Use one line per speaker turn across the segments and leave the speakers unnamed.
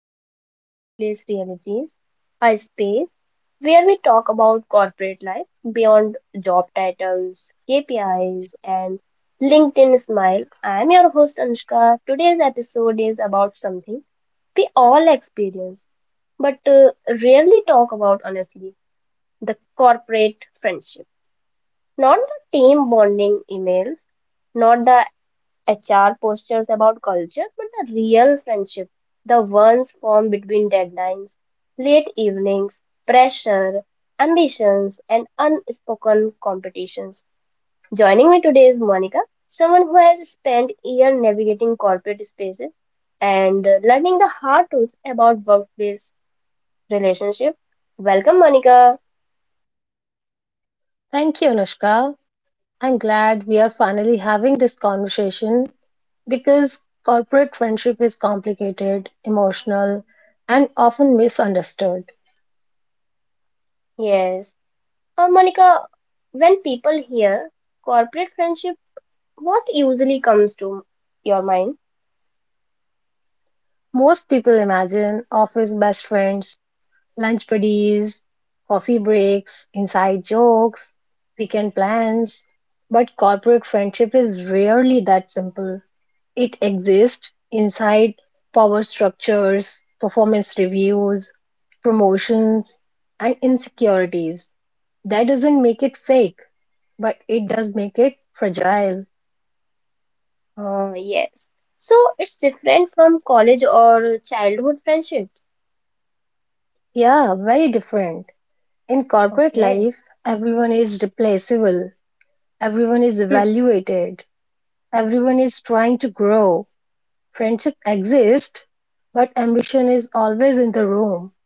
welcome to Workplace Realities, a space where we talk about corporate life beyond job titles, KPIs, and LinkedIn smile. I'm your host, Anushka. Today's episode is about something we all experience but rarely talk about honestly, the corporate friendship. Not the team bonding emails, not the HR postures about culture, but the real friendship, the ones formed between deadlines, late evenings, pressure, ambitions, and unspoken competitions. Joining me today is Monica, someone who has spent years navigating corporate spaces and learning the hard truth about workplace relationship. Welcome, Monica.
Thank you, Anushka. I'm glad we are finally having this conversation because corporate friendship is complicated, emotional, and often misunderstood.
Yes. Monica, when people hear corporate friendship, what usually comes to your mind?
Most people imagine office best friends, lunch buddies, coffee breaks, inside jokes, weekend plans, but corporate friendship is rarely that simple. It exists inside power structures, performance reviews, promotions, and insecurities. That doesn't make it fake, but it does make it fragile.
Yes. So it's different from college or childhood friendships.
Yeah, very different. In corporate
Okay.
life, everyone is replaceable, everyone is
Hmm.
evaluated, everyone is trying to grow. Friendship exists, but ambition is always in the room.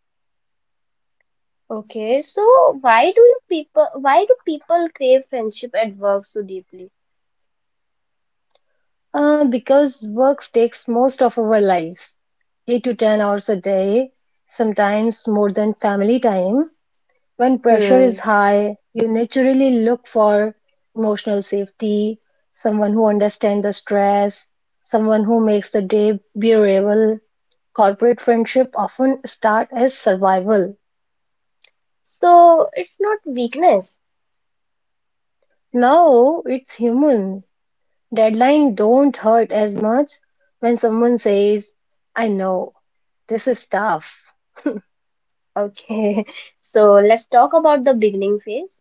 Okay, so why do people crave friendship at work so deeply?
Because work takes most of our lives, 8 to 10 hours a day, sometimes more than family time. When pressure is
Hmm.
high, you naturally look for emotional safety, someone who understands the stress, someone who makes the day bearable. Corporate friendship often start as survival.
So it's not weakness.
Now it's human. Deadline don't hurt as much when someone says, I know, this is tough.
Okay. So let's talk about the beginning phase.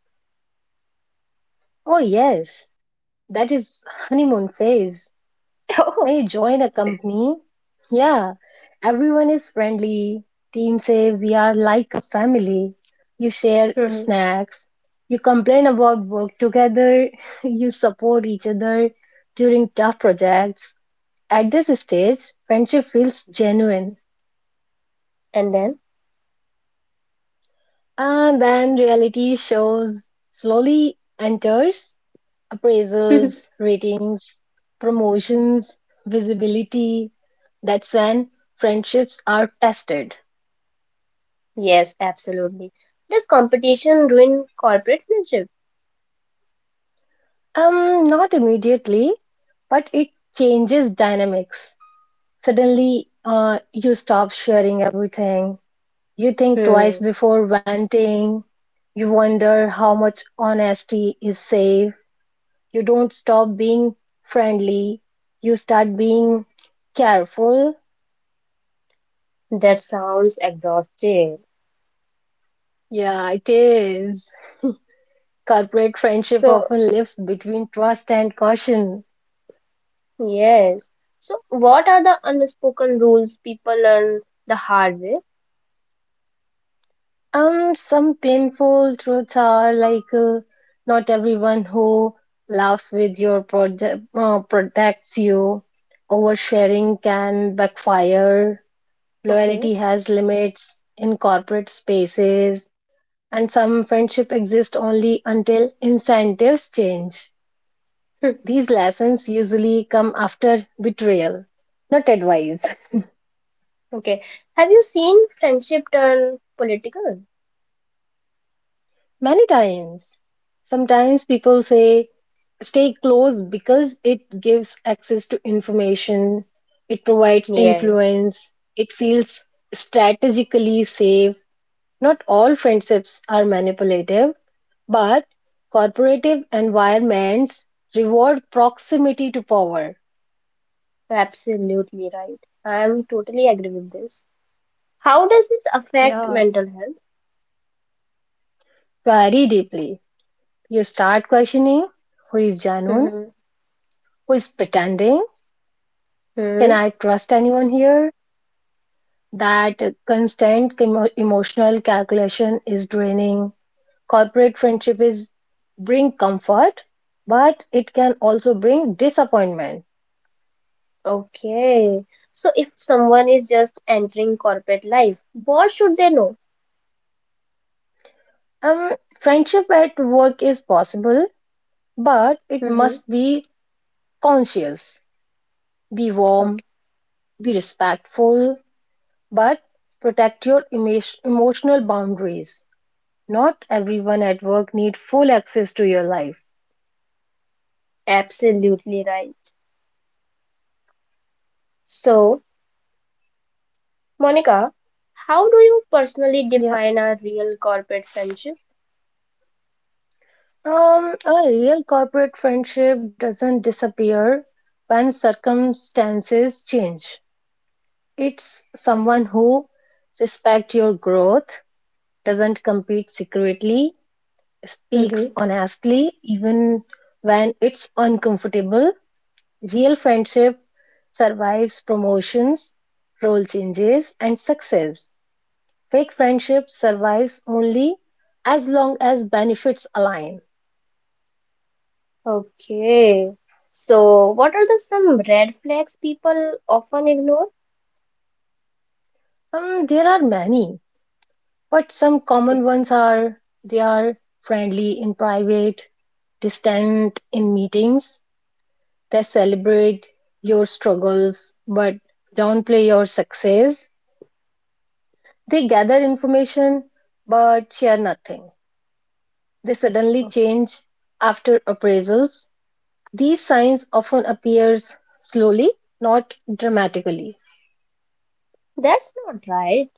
Oh, yes, that is honeymoon phase.
Oh.
When you join a company, yeah, everyone is friendly. Team say we are like a family. You share
Hmm.
snacks. You complain about work together. You support each other during tough projects. At this stage, friendship feels genuine.
And then?
And then reality shows slowly enters appraisals, ratings, promotions, visibility. That's when friendships are tested.
Yes, absolutely. Does competition ruin corporate friendship?
Not immediately, but it changes dynamics. Suddenly, you stop sharing everything. You think twice
Hmm.
before venting. You wonder how much honesty is safe. You don't stop being friendly. You start being careful.
That sounds exhausting.
Yeah, it is. Corporate friendship
So
often lives between trust and caution.
Yes. So, what are the unspoken rules people learn the hard way?
Some painful truths are like not everyone who laughs with your project protects you. Oversharing can backfire.
Okay.
Loyalty has limits in corporate spaces, and some friendship exist only until incentives change.
Hmm.
These lessons usually come after betrayal, not advice.
Okay. Have you seen friendship turn political?
Many times. Sometimes people say stay close because it gives access to information, it provides
Yes.
influence, it feels strategically safe. Not all friendships are manipulative, but corporative environments reward proximity to power.
Absolutely right. I am totally agree with this. How does this affect
Yeah,
mental health?
very deeply. You start questioning who is genuine,
Mm-hmm.
who is pretending, can
Hmm.
I trust anyone here? That constant emotional calculation is draining. Corporate friendship is bring comfort, but it can also bring disappointment.
Okay. So, if someone is just entering corporate life, what should they know?
Um, Friendship at work is possible, but it
Mm-hmm.
must be conscious. Be warm,
Okay.
be respectful, but protect your emotional boundaries. Not everyone at work need full access to your life.
Absolutely right. So, Monica, how do you personally
Yeah.
define a real corporate friendship?
A real corporate friendship doesn't disappear when circumstances change. It's
Okay.
someone who respects your growth, doesn't compete secretly,
Mm-hmm.
speaks honestly even when it's uncomfortable. Real friendship survives promotions, role changes, and success. Fake friendship survives only as long as benefits align.
Okay. So, what are the some red flags people often ignore?
There are many. But some common
Okay.
ones are they are friendly in private, distant in meetings. They celebrate your struggles but downplay your success. They gather information but share nothing. They suddenly
Oh.
change after appraisals. These signs often appears slowly, not dramatically.
That's not right.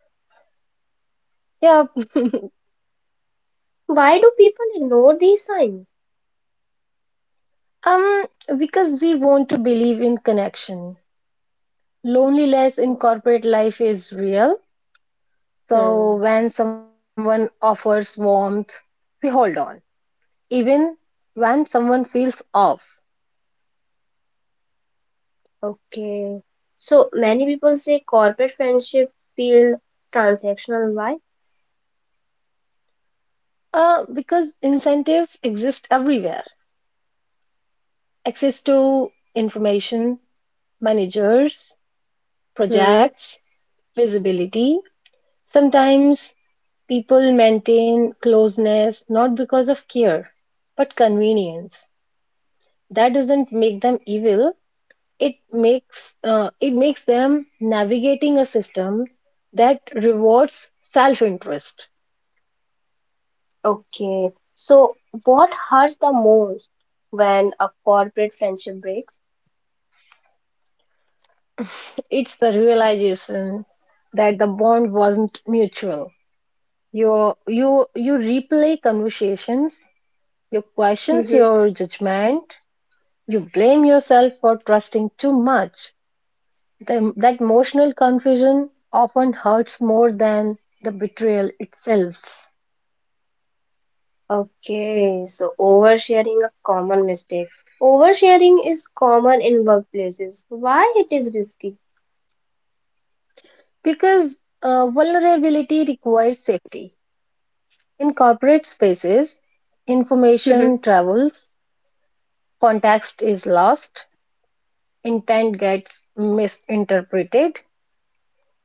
Yeah.
Why do people ignore these signs?
um because we want to believe in connection. Loneliness in
Oh.
corporate life is real. So
Hmm.
when someone offers warmth, we hold on. Even when someone feels off.
Okay. So many people say corporate friendship feel transactional. Why?
Because incentives exist everywhere. Access to information, managers,
Hmm.
projects, visibility. Sometimes people maintain closeness not because of care, but convenience. That doesn't make them evil, it makes them navigating a system that rewards self-interest.
Okay. So what hurts the most when a corporate friendship breaks?
It's the realization that the bond wasn't mutual. You replay conversations, you questions your judgment, you blame yourself for trusting too much. That emotional confusion often hurts more than the betrayal itself.
Okay, so oversharing a common mistake. Oversharing is common in workplaces. Why it is risky?
Because vulnerability requires safety. In corporate spaces, information travels, context is lost, intent gets misinterpreted.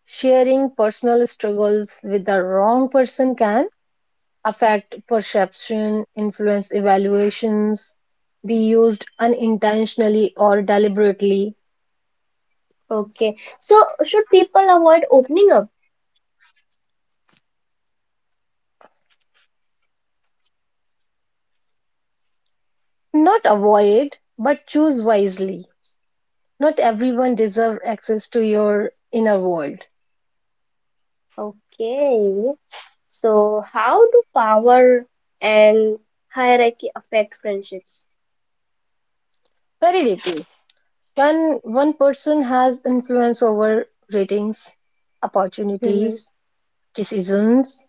Sharing personal struggles with the wrong person can affect perception, influence evaluations, be used unintentionally or deliberately.
Okay, so should people avoid opening up?
Not avoid, but choose wisely. Not everyone deserves access to your inner world.
Okay, so how do power and hierarchy affect friendships?
Very deeply. Can one person has influence over ratings,
Mhm.
opportunities, decisions,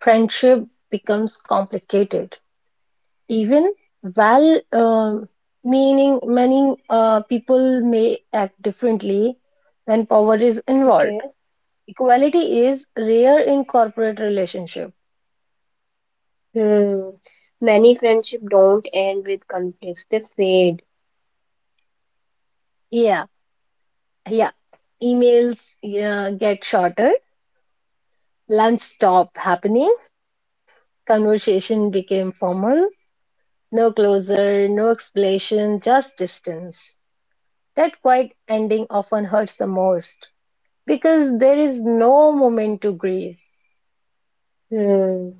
friendship becomes complicated. Even well meaning many people may act differently when power is
Okay.
involved. Equality is rare in corporate relationship.
Hmm. Many friendships don't end with conflicts, they fade.
Yeah, yeah. Emails yeah, get shorter, lunch stop happening, conversation became formal. No closure, no explanation, just distance. That quiet ending often hurts the most because there is no moment to grieve.
Hmm.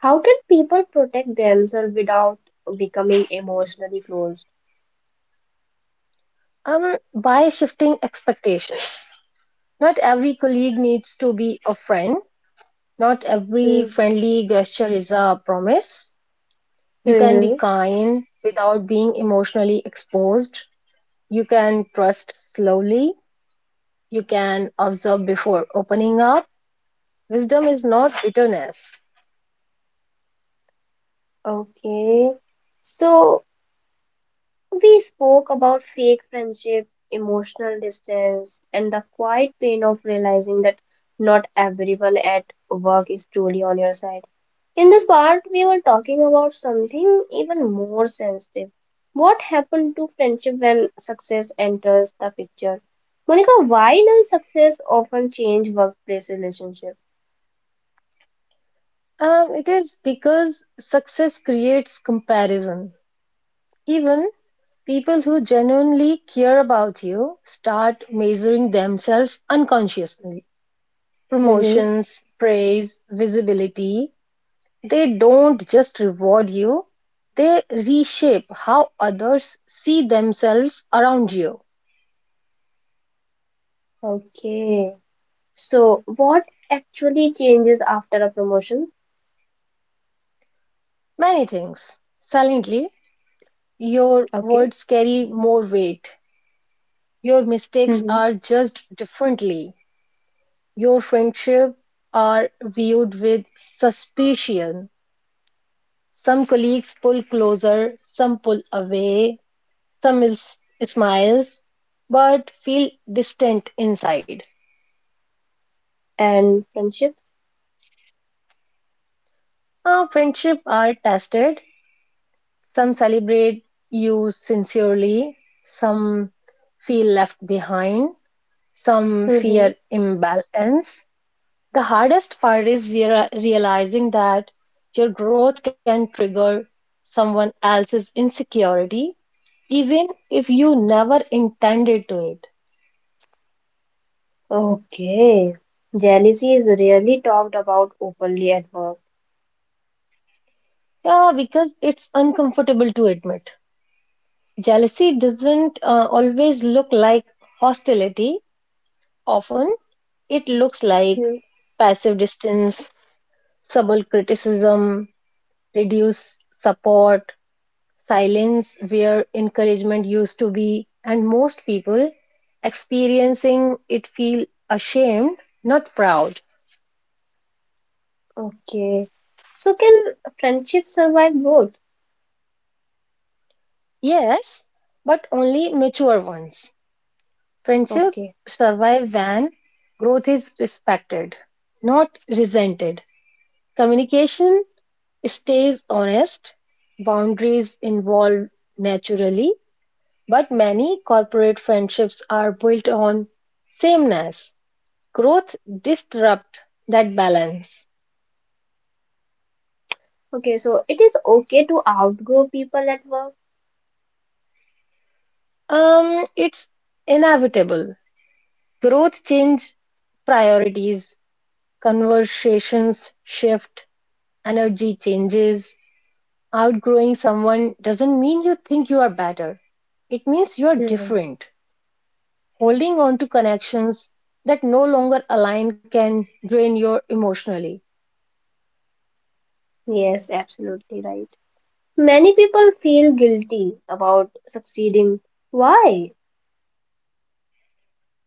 How can people protect themselves without becoming emotionally closed?
By shifting expectations, not every colleague needs to be a friend. Not every
Hmm.
friendly gesture is a promise. You can be
Mm-hmm.
kind without being emotionally exposed. You can trust slowly. You can observe before opening up. Wisdom is not bitterness.
Okay. So we spoke about fake friendship, emotional distance, and the quiet pain of realizing that not everyone at work is truly on your side. In this part, we were talking about something even more sensitive. What happened to friendship when success enters the picture? Monica, why does success often change workplace relationship?
It is because success creates comparison. Even people who genuinely care about you start measuring themselves unconsciously.
Mm-hmm.
Promotions, praise, visibility, they don't just reward you, they reshape how others see themselves around you.
Okay. So, what actually changes after a promotion?
Many things. Silently, your
Okay.
words carry more weight. Your mistakes
Mm-hmm.
are judged differently. Your friendships are viewed with suspicion. Some colleagues pull closer, some pull away, some is- smiles, but feel distant inside.
And friendships?
Our friendships are tested. Some celebrate you sincerely, some feel left behind, some
Mm-hmm.
fear imbalance. The hardest part is realizing that your growth can trigger someone else's insecurity, even if you never intended to it.
Okay. Jealousy is rarely talked about openly at work.
Yeah, because it's uncomfortable to admit. Jealousy doesn't always look like hostility, often, it looks like
Hmm.
passive distance, subtle criticism, reduced support, silence where encouragement used to be, and most people experiencing it feel ashamed, not proud.
Okay. So, can friendships survive both?
Yes, but only mature ones. Friendship
Okay.
survive when growth is respected, not resented. Communication stays honest, boundaries involve naturally, but many corporate friendships are built on sameness. Growth disrupt that balance.
Okay, so it is okay to outgrow people at work.
It's inevitable. Growth change priorities, conversations shift, energy changes. Outgrowing someone doesn't mean you think you are better, it means you are
Hmm.
different. Holding on to connections that no longer align can drain you emotionally.
Yes, absolutely right. Many people feel guilty about succeeding. Why?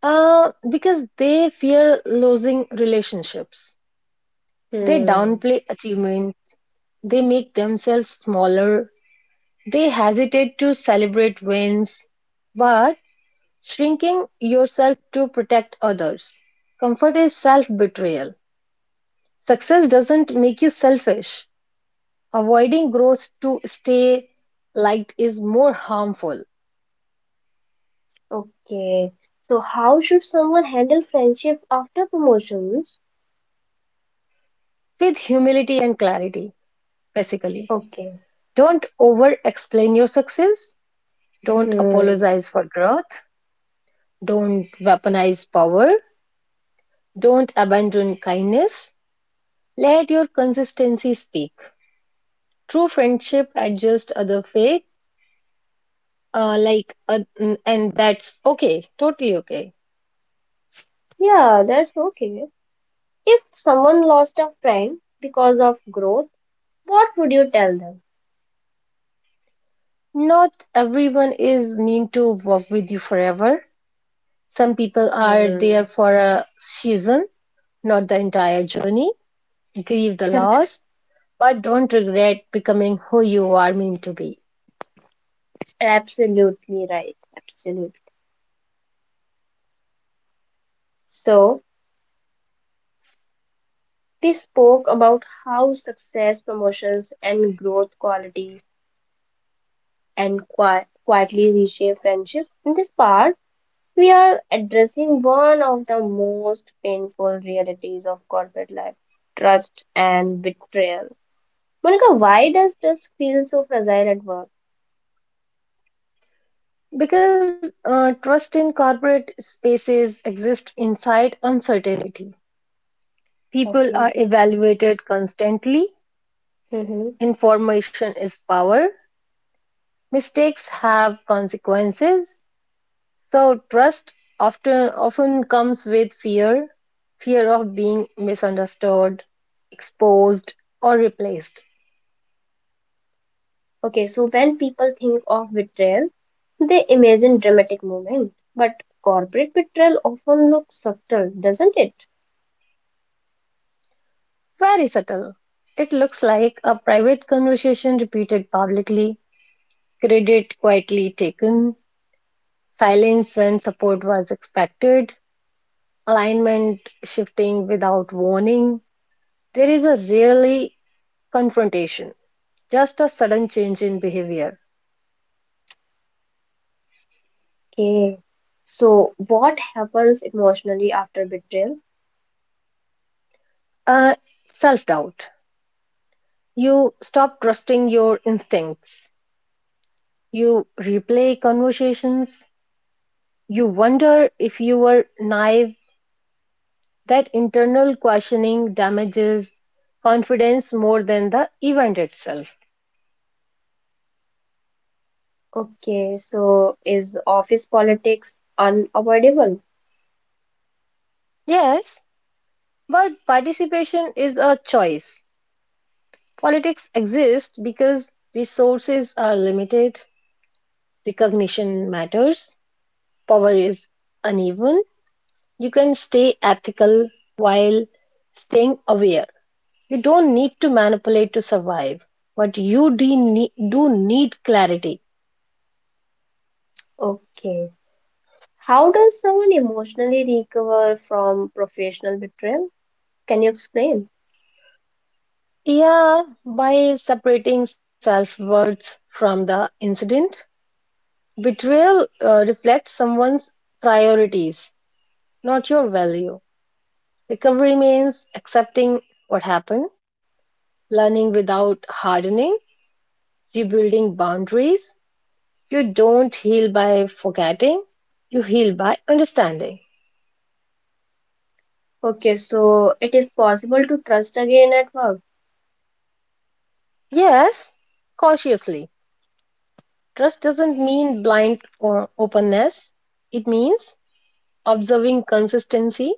Because they fear losing relationships, they
Hmm.
downplay achievement. They make themselves smaller. They hesitate to celebrate wins, but shrinking yourself to protect others. Comfort is self betrayal. Success doesn't make you selfish. Avoiding growth to stay liked is more harmful.
Okay. So how should someone handle friendship after promotions?
With humility and clarity, basically.
Okay.
Don't over explain your success. Don't
Hmm.
apologize for growth. Don't weaponize power. Don't abandon kindness. Let your consistency speak. True friendship adjusts other fake, and that's okay, totally okay.
Yeah, that's okay. If someone lost a friend because of growth, what would you tell them?
Not everyone is meant to work with you forever. Some people are there
Hmm.
for a season, not the entire journey. Grieve the loss, but don't regret becoming who you are meant to be.
Absolutely right. Absolutely. So we spoke about how success, promotions, and growth quality and qui quietly reshape friendship. In this part, we are addressing one of the most painful realities of corporate life, trust and betrayal. Monica, why does trust feel so fragile at work?
Because trust in corporate spaces exists inside uncertainty. People are
Okay.
evaluated constantly.
Hmm.
Information is power. Mistakes have consequences. So trust often comes with fear, fear of being misunderstood, exposed or replaced.
Okay, so when people think of betrayal, they imagine dramatic movement, but corporate betrayal often looks subtle, doesn't it?
Very subtle. It looks like a private conversation repeated publicly, credit quietly taken, silence when support was expected, alignment shifting without warning. There is a really confrontation, just a sudden change in behavior.
Okay. So what happens emotionally after betrayal?
Uh, Self doubt. You stop trusting your instincts. You replay conversations. You wonder if you were naive. That internal questioning damages confidence more than the event itself.
Okay, so is office politics unavoidable?
Yes, but participation is a choice. Politics exists because resources are limited, recognition matters, power is uneven. You can stay ethical while staying aware. You don't need to manipulate to survive, but you do need clarity.
Okay. How does someone emotionally recover from professional betrayal? Can you explain?
Yeah, by separating self worth from the incident, betrayal reflects someone's priorities, not your value. Recovery means accepting what happened, learning without hardening, rebuilding boundaries. You don't heal by forgetting, you heal by understanding.
Okay, so it is possible to trust again at work.
Yes, cautiously. Trust doesn't mean blind or openness. It means observing consistency,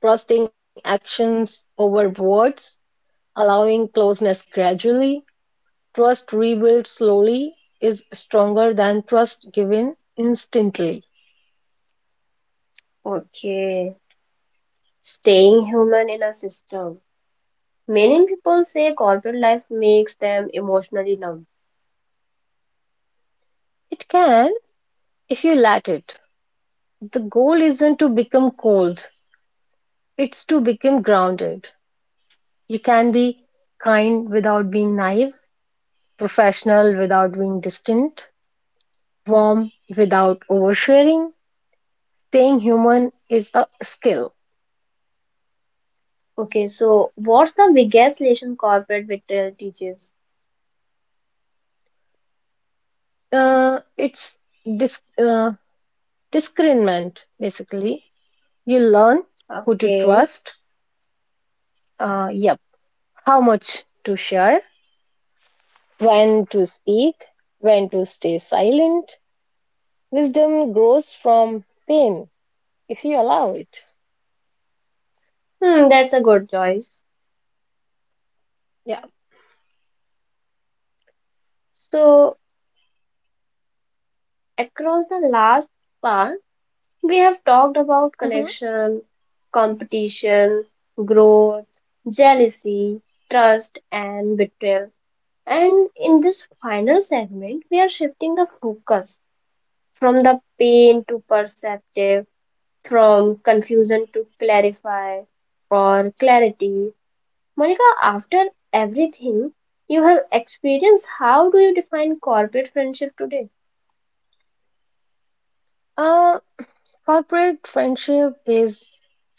trusting actions over words, allowing closeness gradually. Trust rebuilt slowly is stronger than trust given instantly.
Okay, staying human in a system. Many people say corporate life makes them emotionally numb.
It can if you let it. The goal isn't to become cold, it's to become grounded. You can be kind without being naive, professional without being distant, warm without oversharing. Staying human is a skill.
Okay, so what's the biggest lesson corporate betrayal teaches?
It's dis- uh, discernment, basically. You learn who to
Okay.
trust, yep, how much to share, when to speak, when to stay silent. Wisdom grows from pain if you allow it.
Hmm, that's a good choice.
Yeah.
So, across the last part, we have talked about
Hmm.
connection, competition, growth, jealousy, trust, and betrayal. And in this final segment, we are shifting the focus from the pain to perceptive, from confusion to clarify or clarity. Monica, after everything you have experienced, how do you define corporate friendship today?
Uh, Corporate friendship is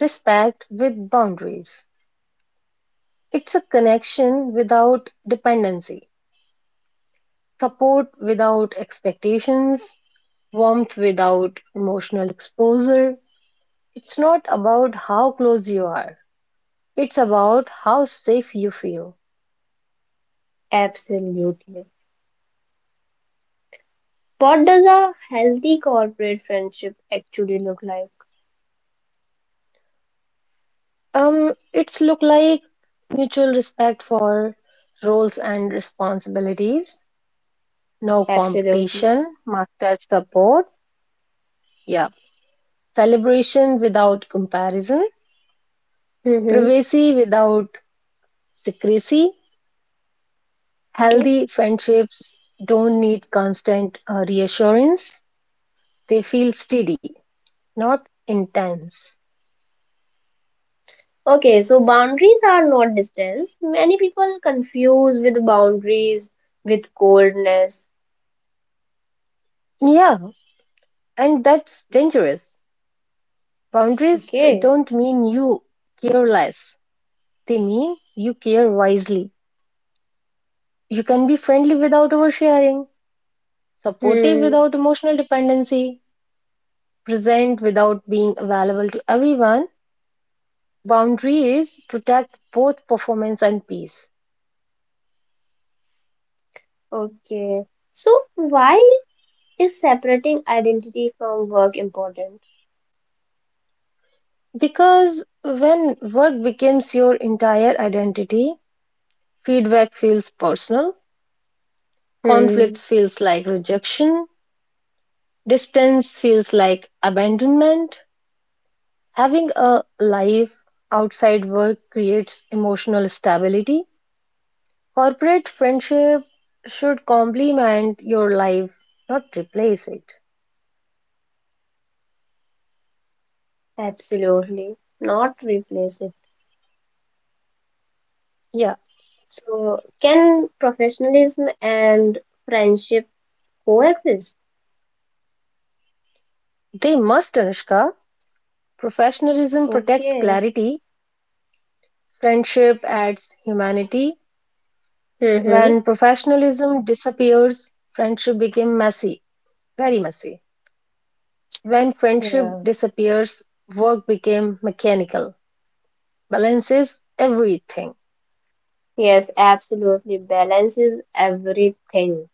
respect with boundaries. It's a connection without dependency, support without expectations, warmth without emotional exposure. It's not about how close you are, it's about how safe you feel.
Absolutely. What does a healthy corporate friendship actually look like?
It's look like mutual respect for roles and responsibilities, no
Absolutely.
competition, master support, yeah, celebration without comparison,
Mm-hmm.
privacy without secrecy.
Okay.
Healthy friendships don't need constant reassurance. They feel steady, not intense.
Okay, so boundaries are not distance. Many people confuse with boundaries with coldness.
Yeah, and that's dangerous. Boundaries
Okay.
don't mean you care less, they mean you care wisely. You can be friendly without oversharing, supportive
Hmm.
without emotional dependency, present without being available to everyone. Boundaries protect both performance and peace.
Okay. So why is separating identity from work important?
Because when work becomes your entire identity, feedback feels personal,
Hmm.
conflicts feels like rejection, distance feels like abandonment. Having a life outside work creates emotional stability. Corporate friendship should complement your life, not replace it.
Absolutely. Not replace it.
Yeah,
So can professionalism and friendship coexist?
they must, Anushka. Professionalism protects
Okay.
clarity, friendship adds humanity.
Mm-hmm.
When professionalism disappears, friendship became messy, very messy. When friendship
Yeah.
disappears, work became mechanical. Balance is everything,
Yes, absolutely. Balance is everything.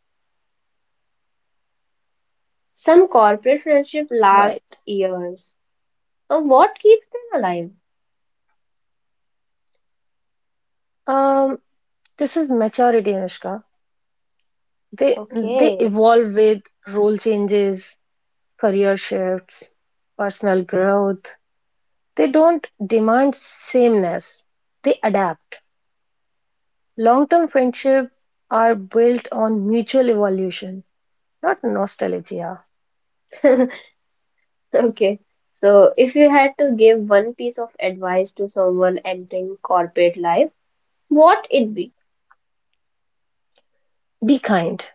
Some corporate friendship last
right?
years. So what keeps them
Um, this is maturity, Anushka. They
alive?
they
Okay.
evolve with role changes, career shifts, personal growth. They don't demand sameness. They adapt. Long-term friendship are built on mutual evolution, not nostalgia.
Okay. So if you had to give one piece of advice to someone entering corporate life, what it be?
Be kind,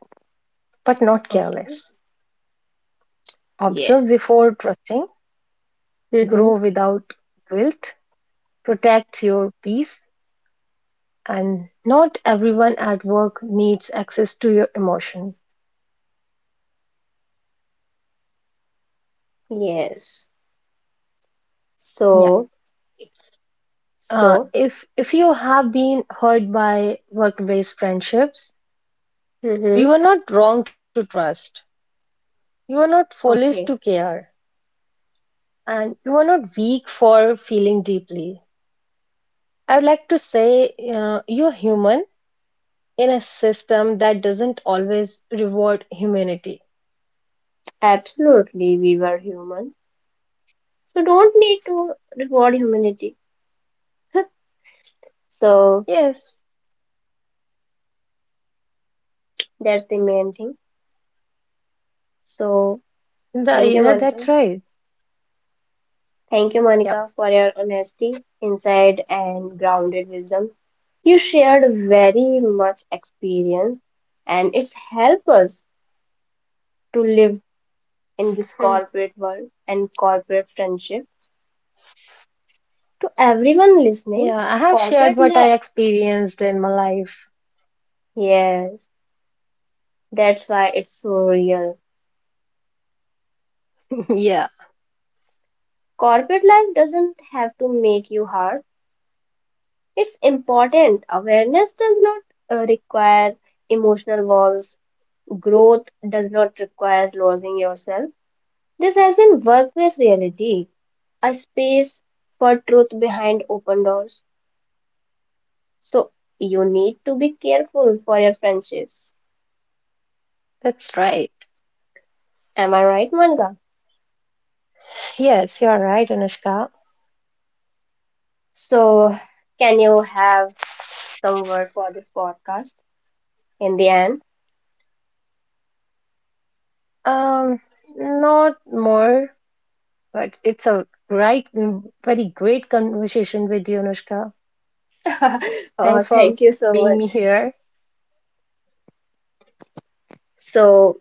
but not
Okay.
careless. Observe
Yes.
before trusting,
Mm-hmm.
grow without guilt, protect your peace, and not everyone at work needs access to your emotion.
Yes.
Yeah.
So, so,
If you have been hurt by work-based friendships,
mm-hmm.
you are not wrong to trust. You are not foolish to
Okay.
care, and you are not weak for feeling deeply. I'd like to say you're human in a system that doesn't always reward humanity.
Absolutely, we were human. So don't need to reward humanity. So
Yes,
that's the main thing. So thank you,
yeah,
Monica.
that's right.
Thank you,
Yep.
Monica, for your honesty, insight, and grounded wisdom. You shared very much experience, and it's helped us to live in this
Hmm.
corporate world and corporate friendship. To everyone listening,
Yeah, I have shared
corporate
what
life,
I experienced in my life.
yes, that's why it's so real.
Yeah,
Corporate life doesn't have to make you hard. It's important. Awareness does not require emotional walls. Growth does not require losing yourself. This has been Workplace Reality, a space for truth behind open doors. So you need to be careful for your friendships.
that's right.
Am I right, Manga?
Yes, you're right, Anushka.
So can you have some word for this podcast in the end?
Um, Not more, but it's a right, very great conversation with you, Anushka.
Oh,
Thanks for
thank you so
being
much.
me here.
So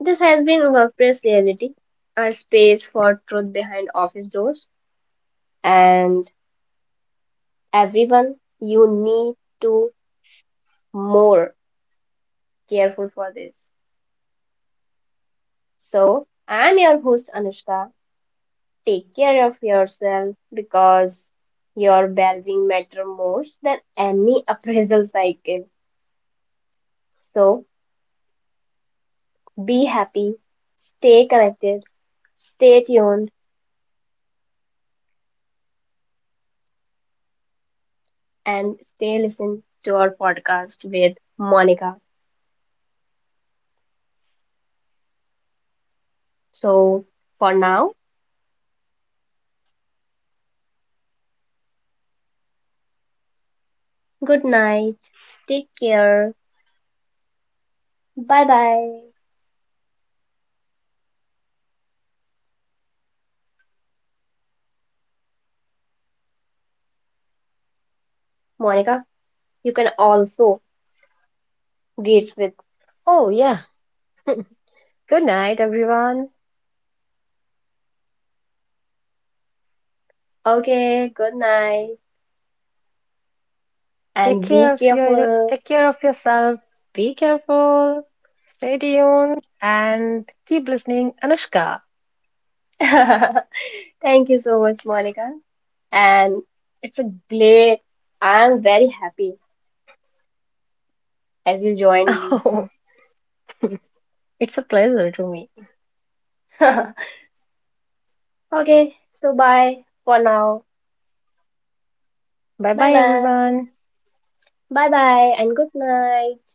this has been Workplace Reality, a space for truth behind office doors, and everyone, you need to more careful for this. So, I'm your host Anushka. Take care of yourself because your well-being matter most than any appraisal cycle. So, be happy, stay connected, stay tuned, and stay listening to our podcast with Monica. So, for now, good night. Take care. Bye bye. Monica, you can also greet with
Oh yeah. Good night, everyone.
okay, good night,
Take
and be
care of your
careful.
take care of yourself. Be careful. Stay tuned and keep listening, Anushka.
Thank you so much, Monica. And it's a great, I'm very happy as you joined me.
Oh, it's a pleasure to me.
Okay, so bye for now.
Bye
Bye
bye,
bye.
everyone.
Bye bye, and good night.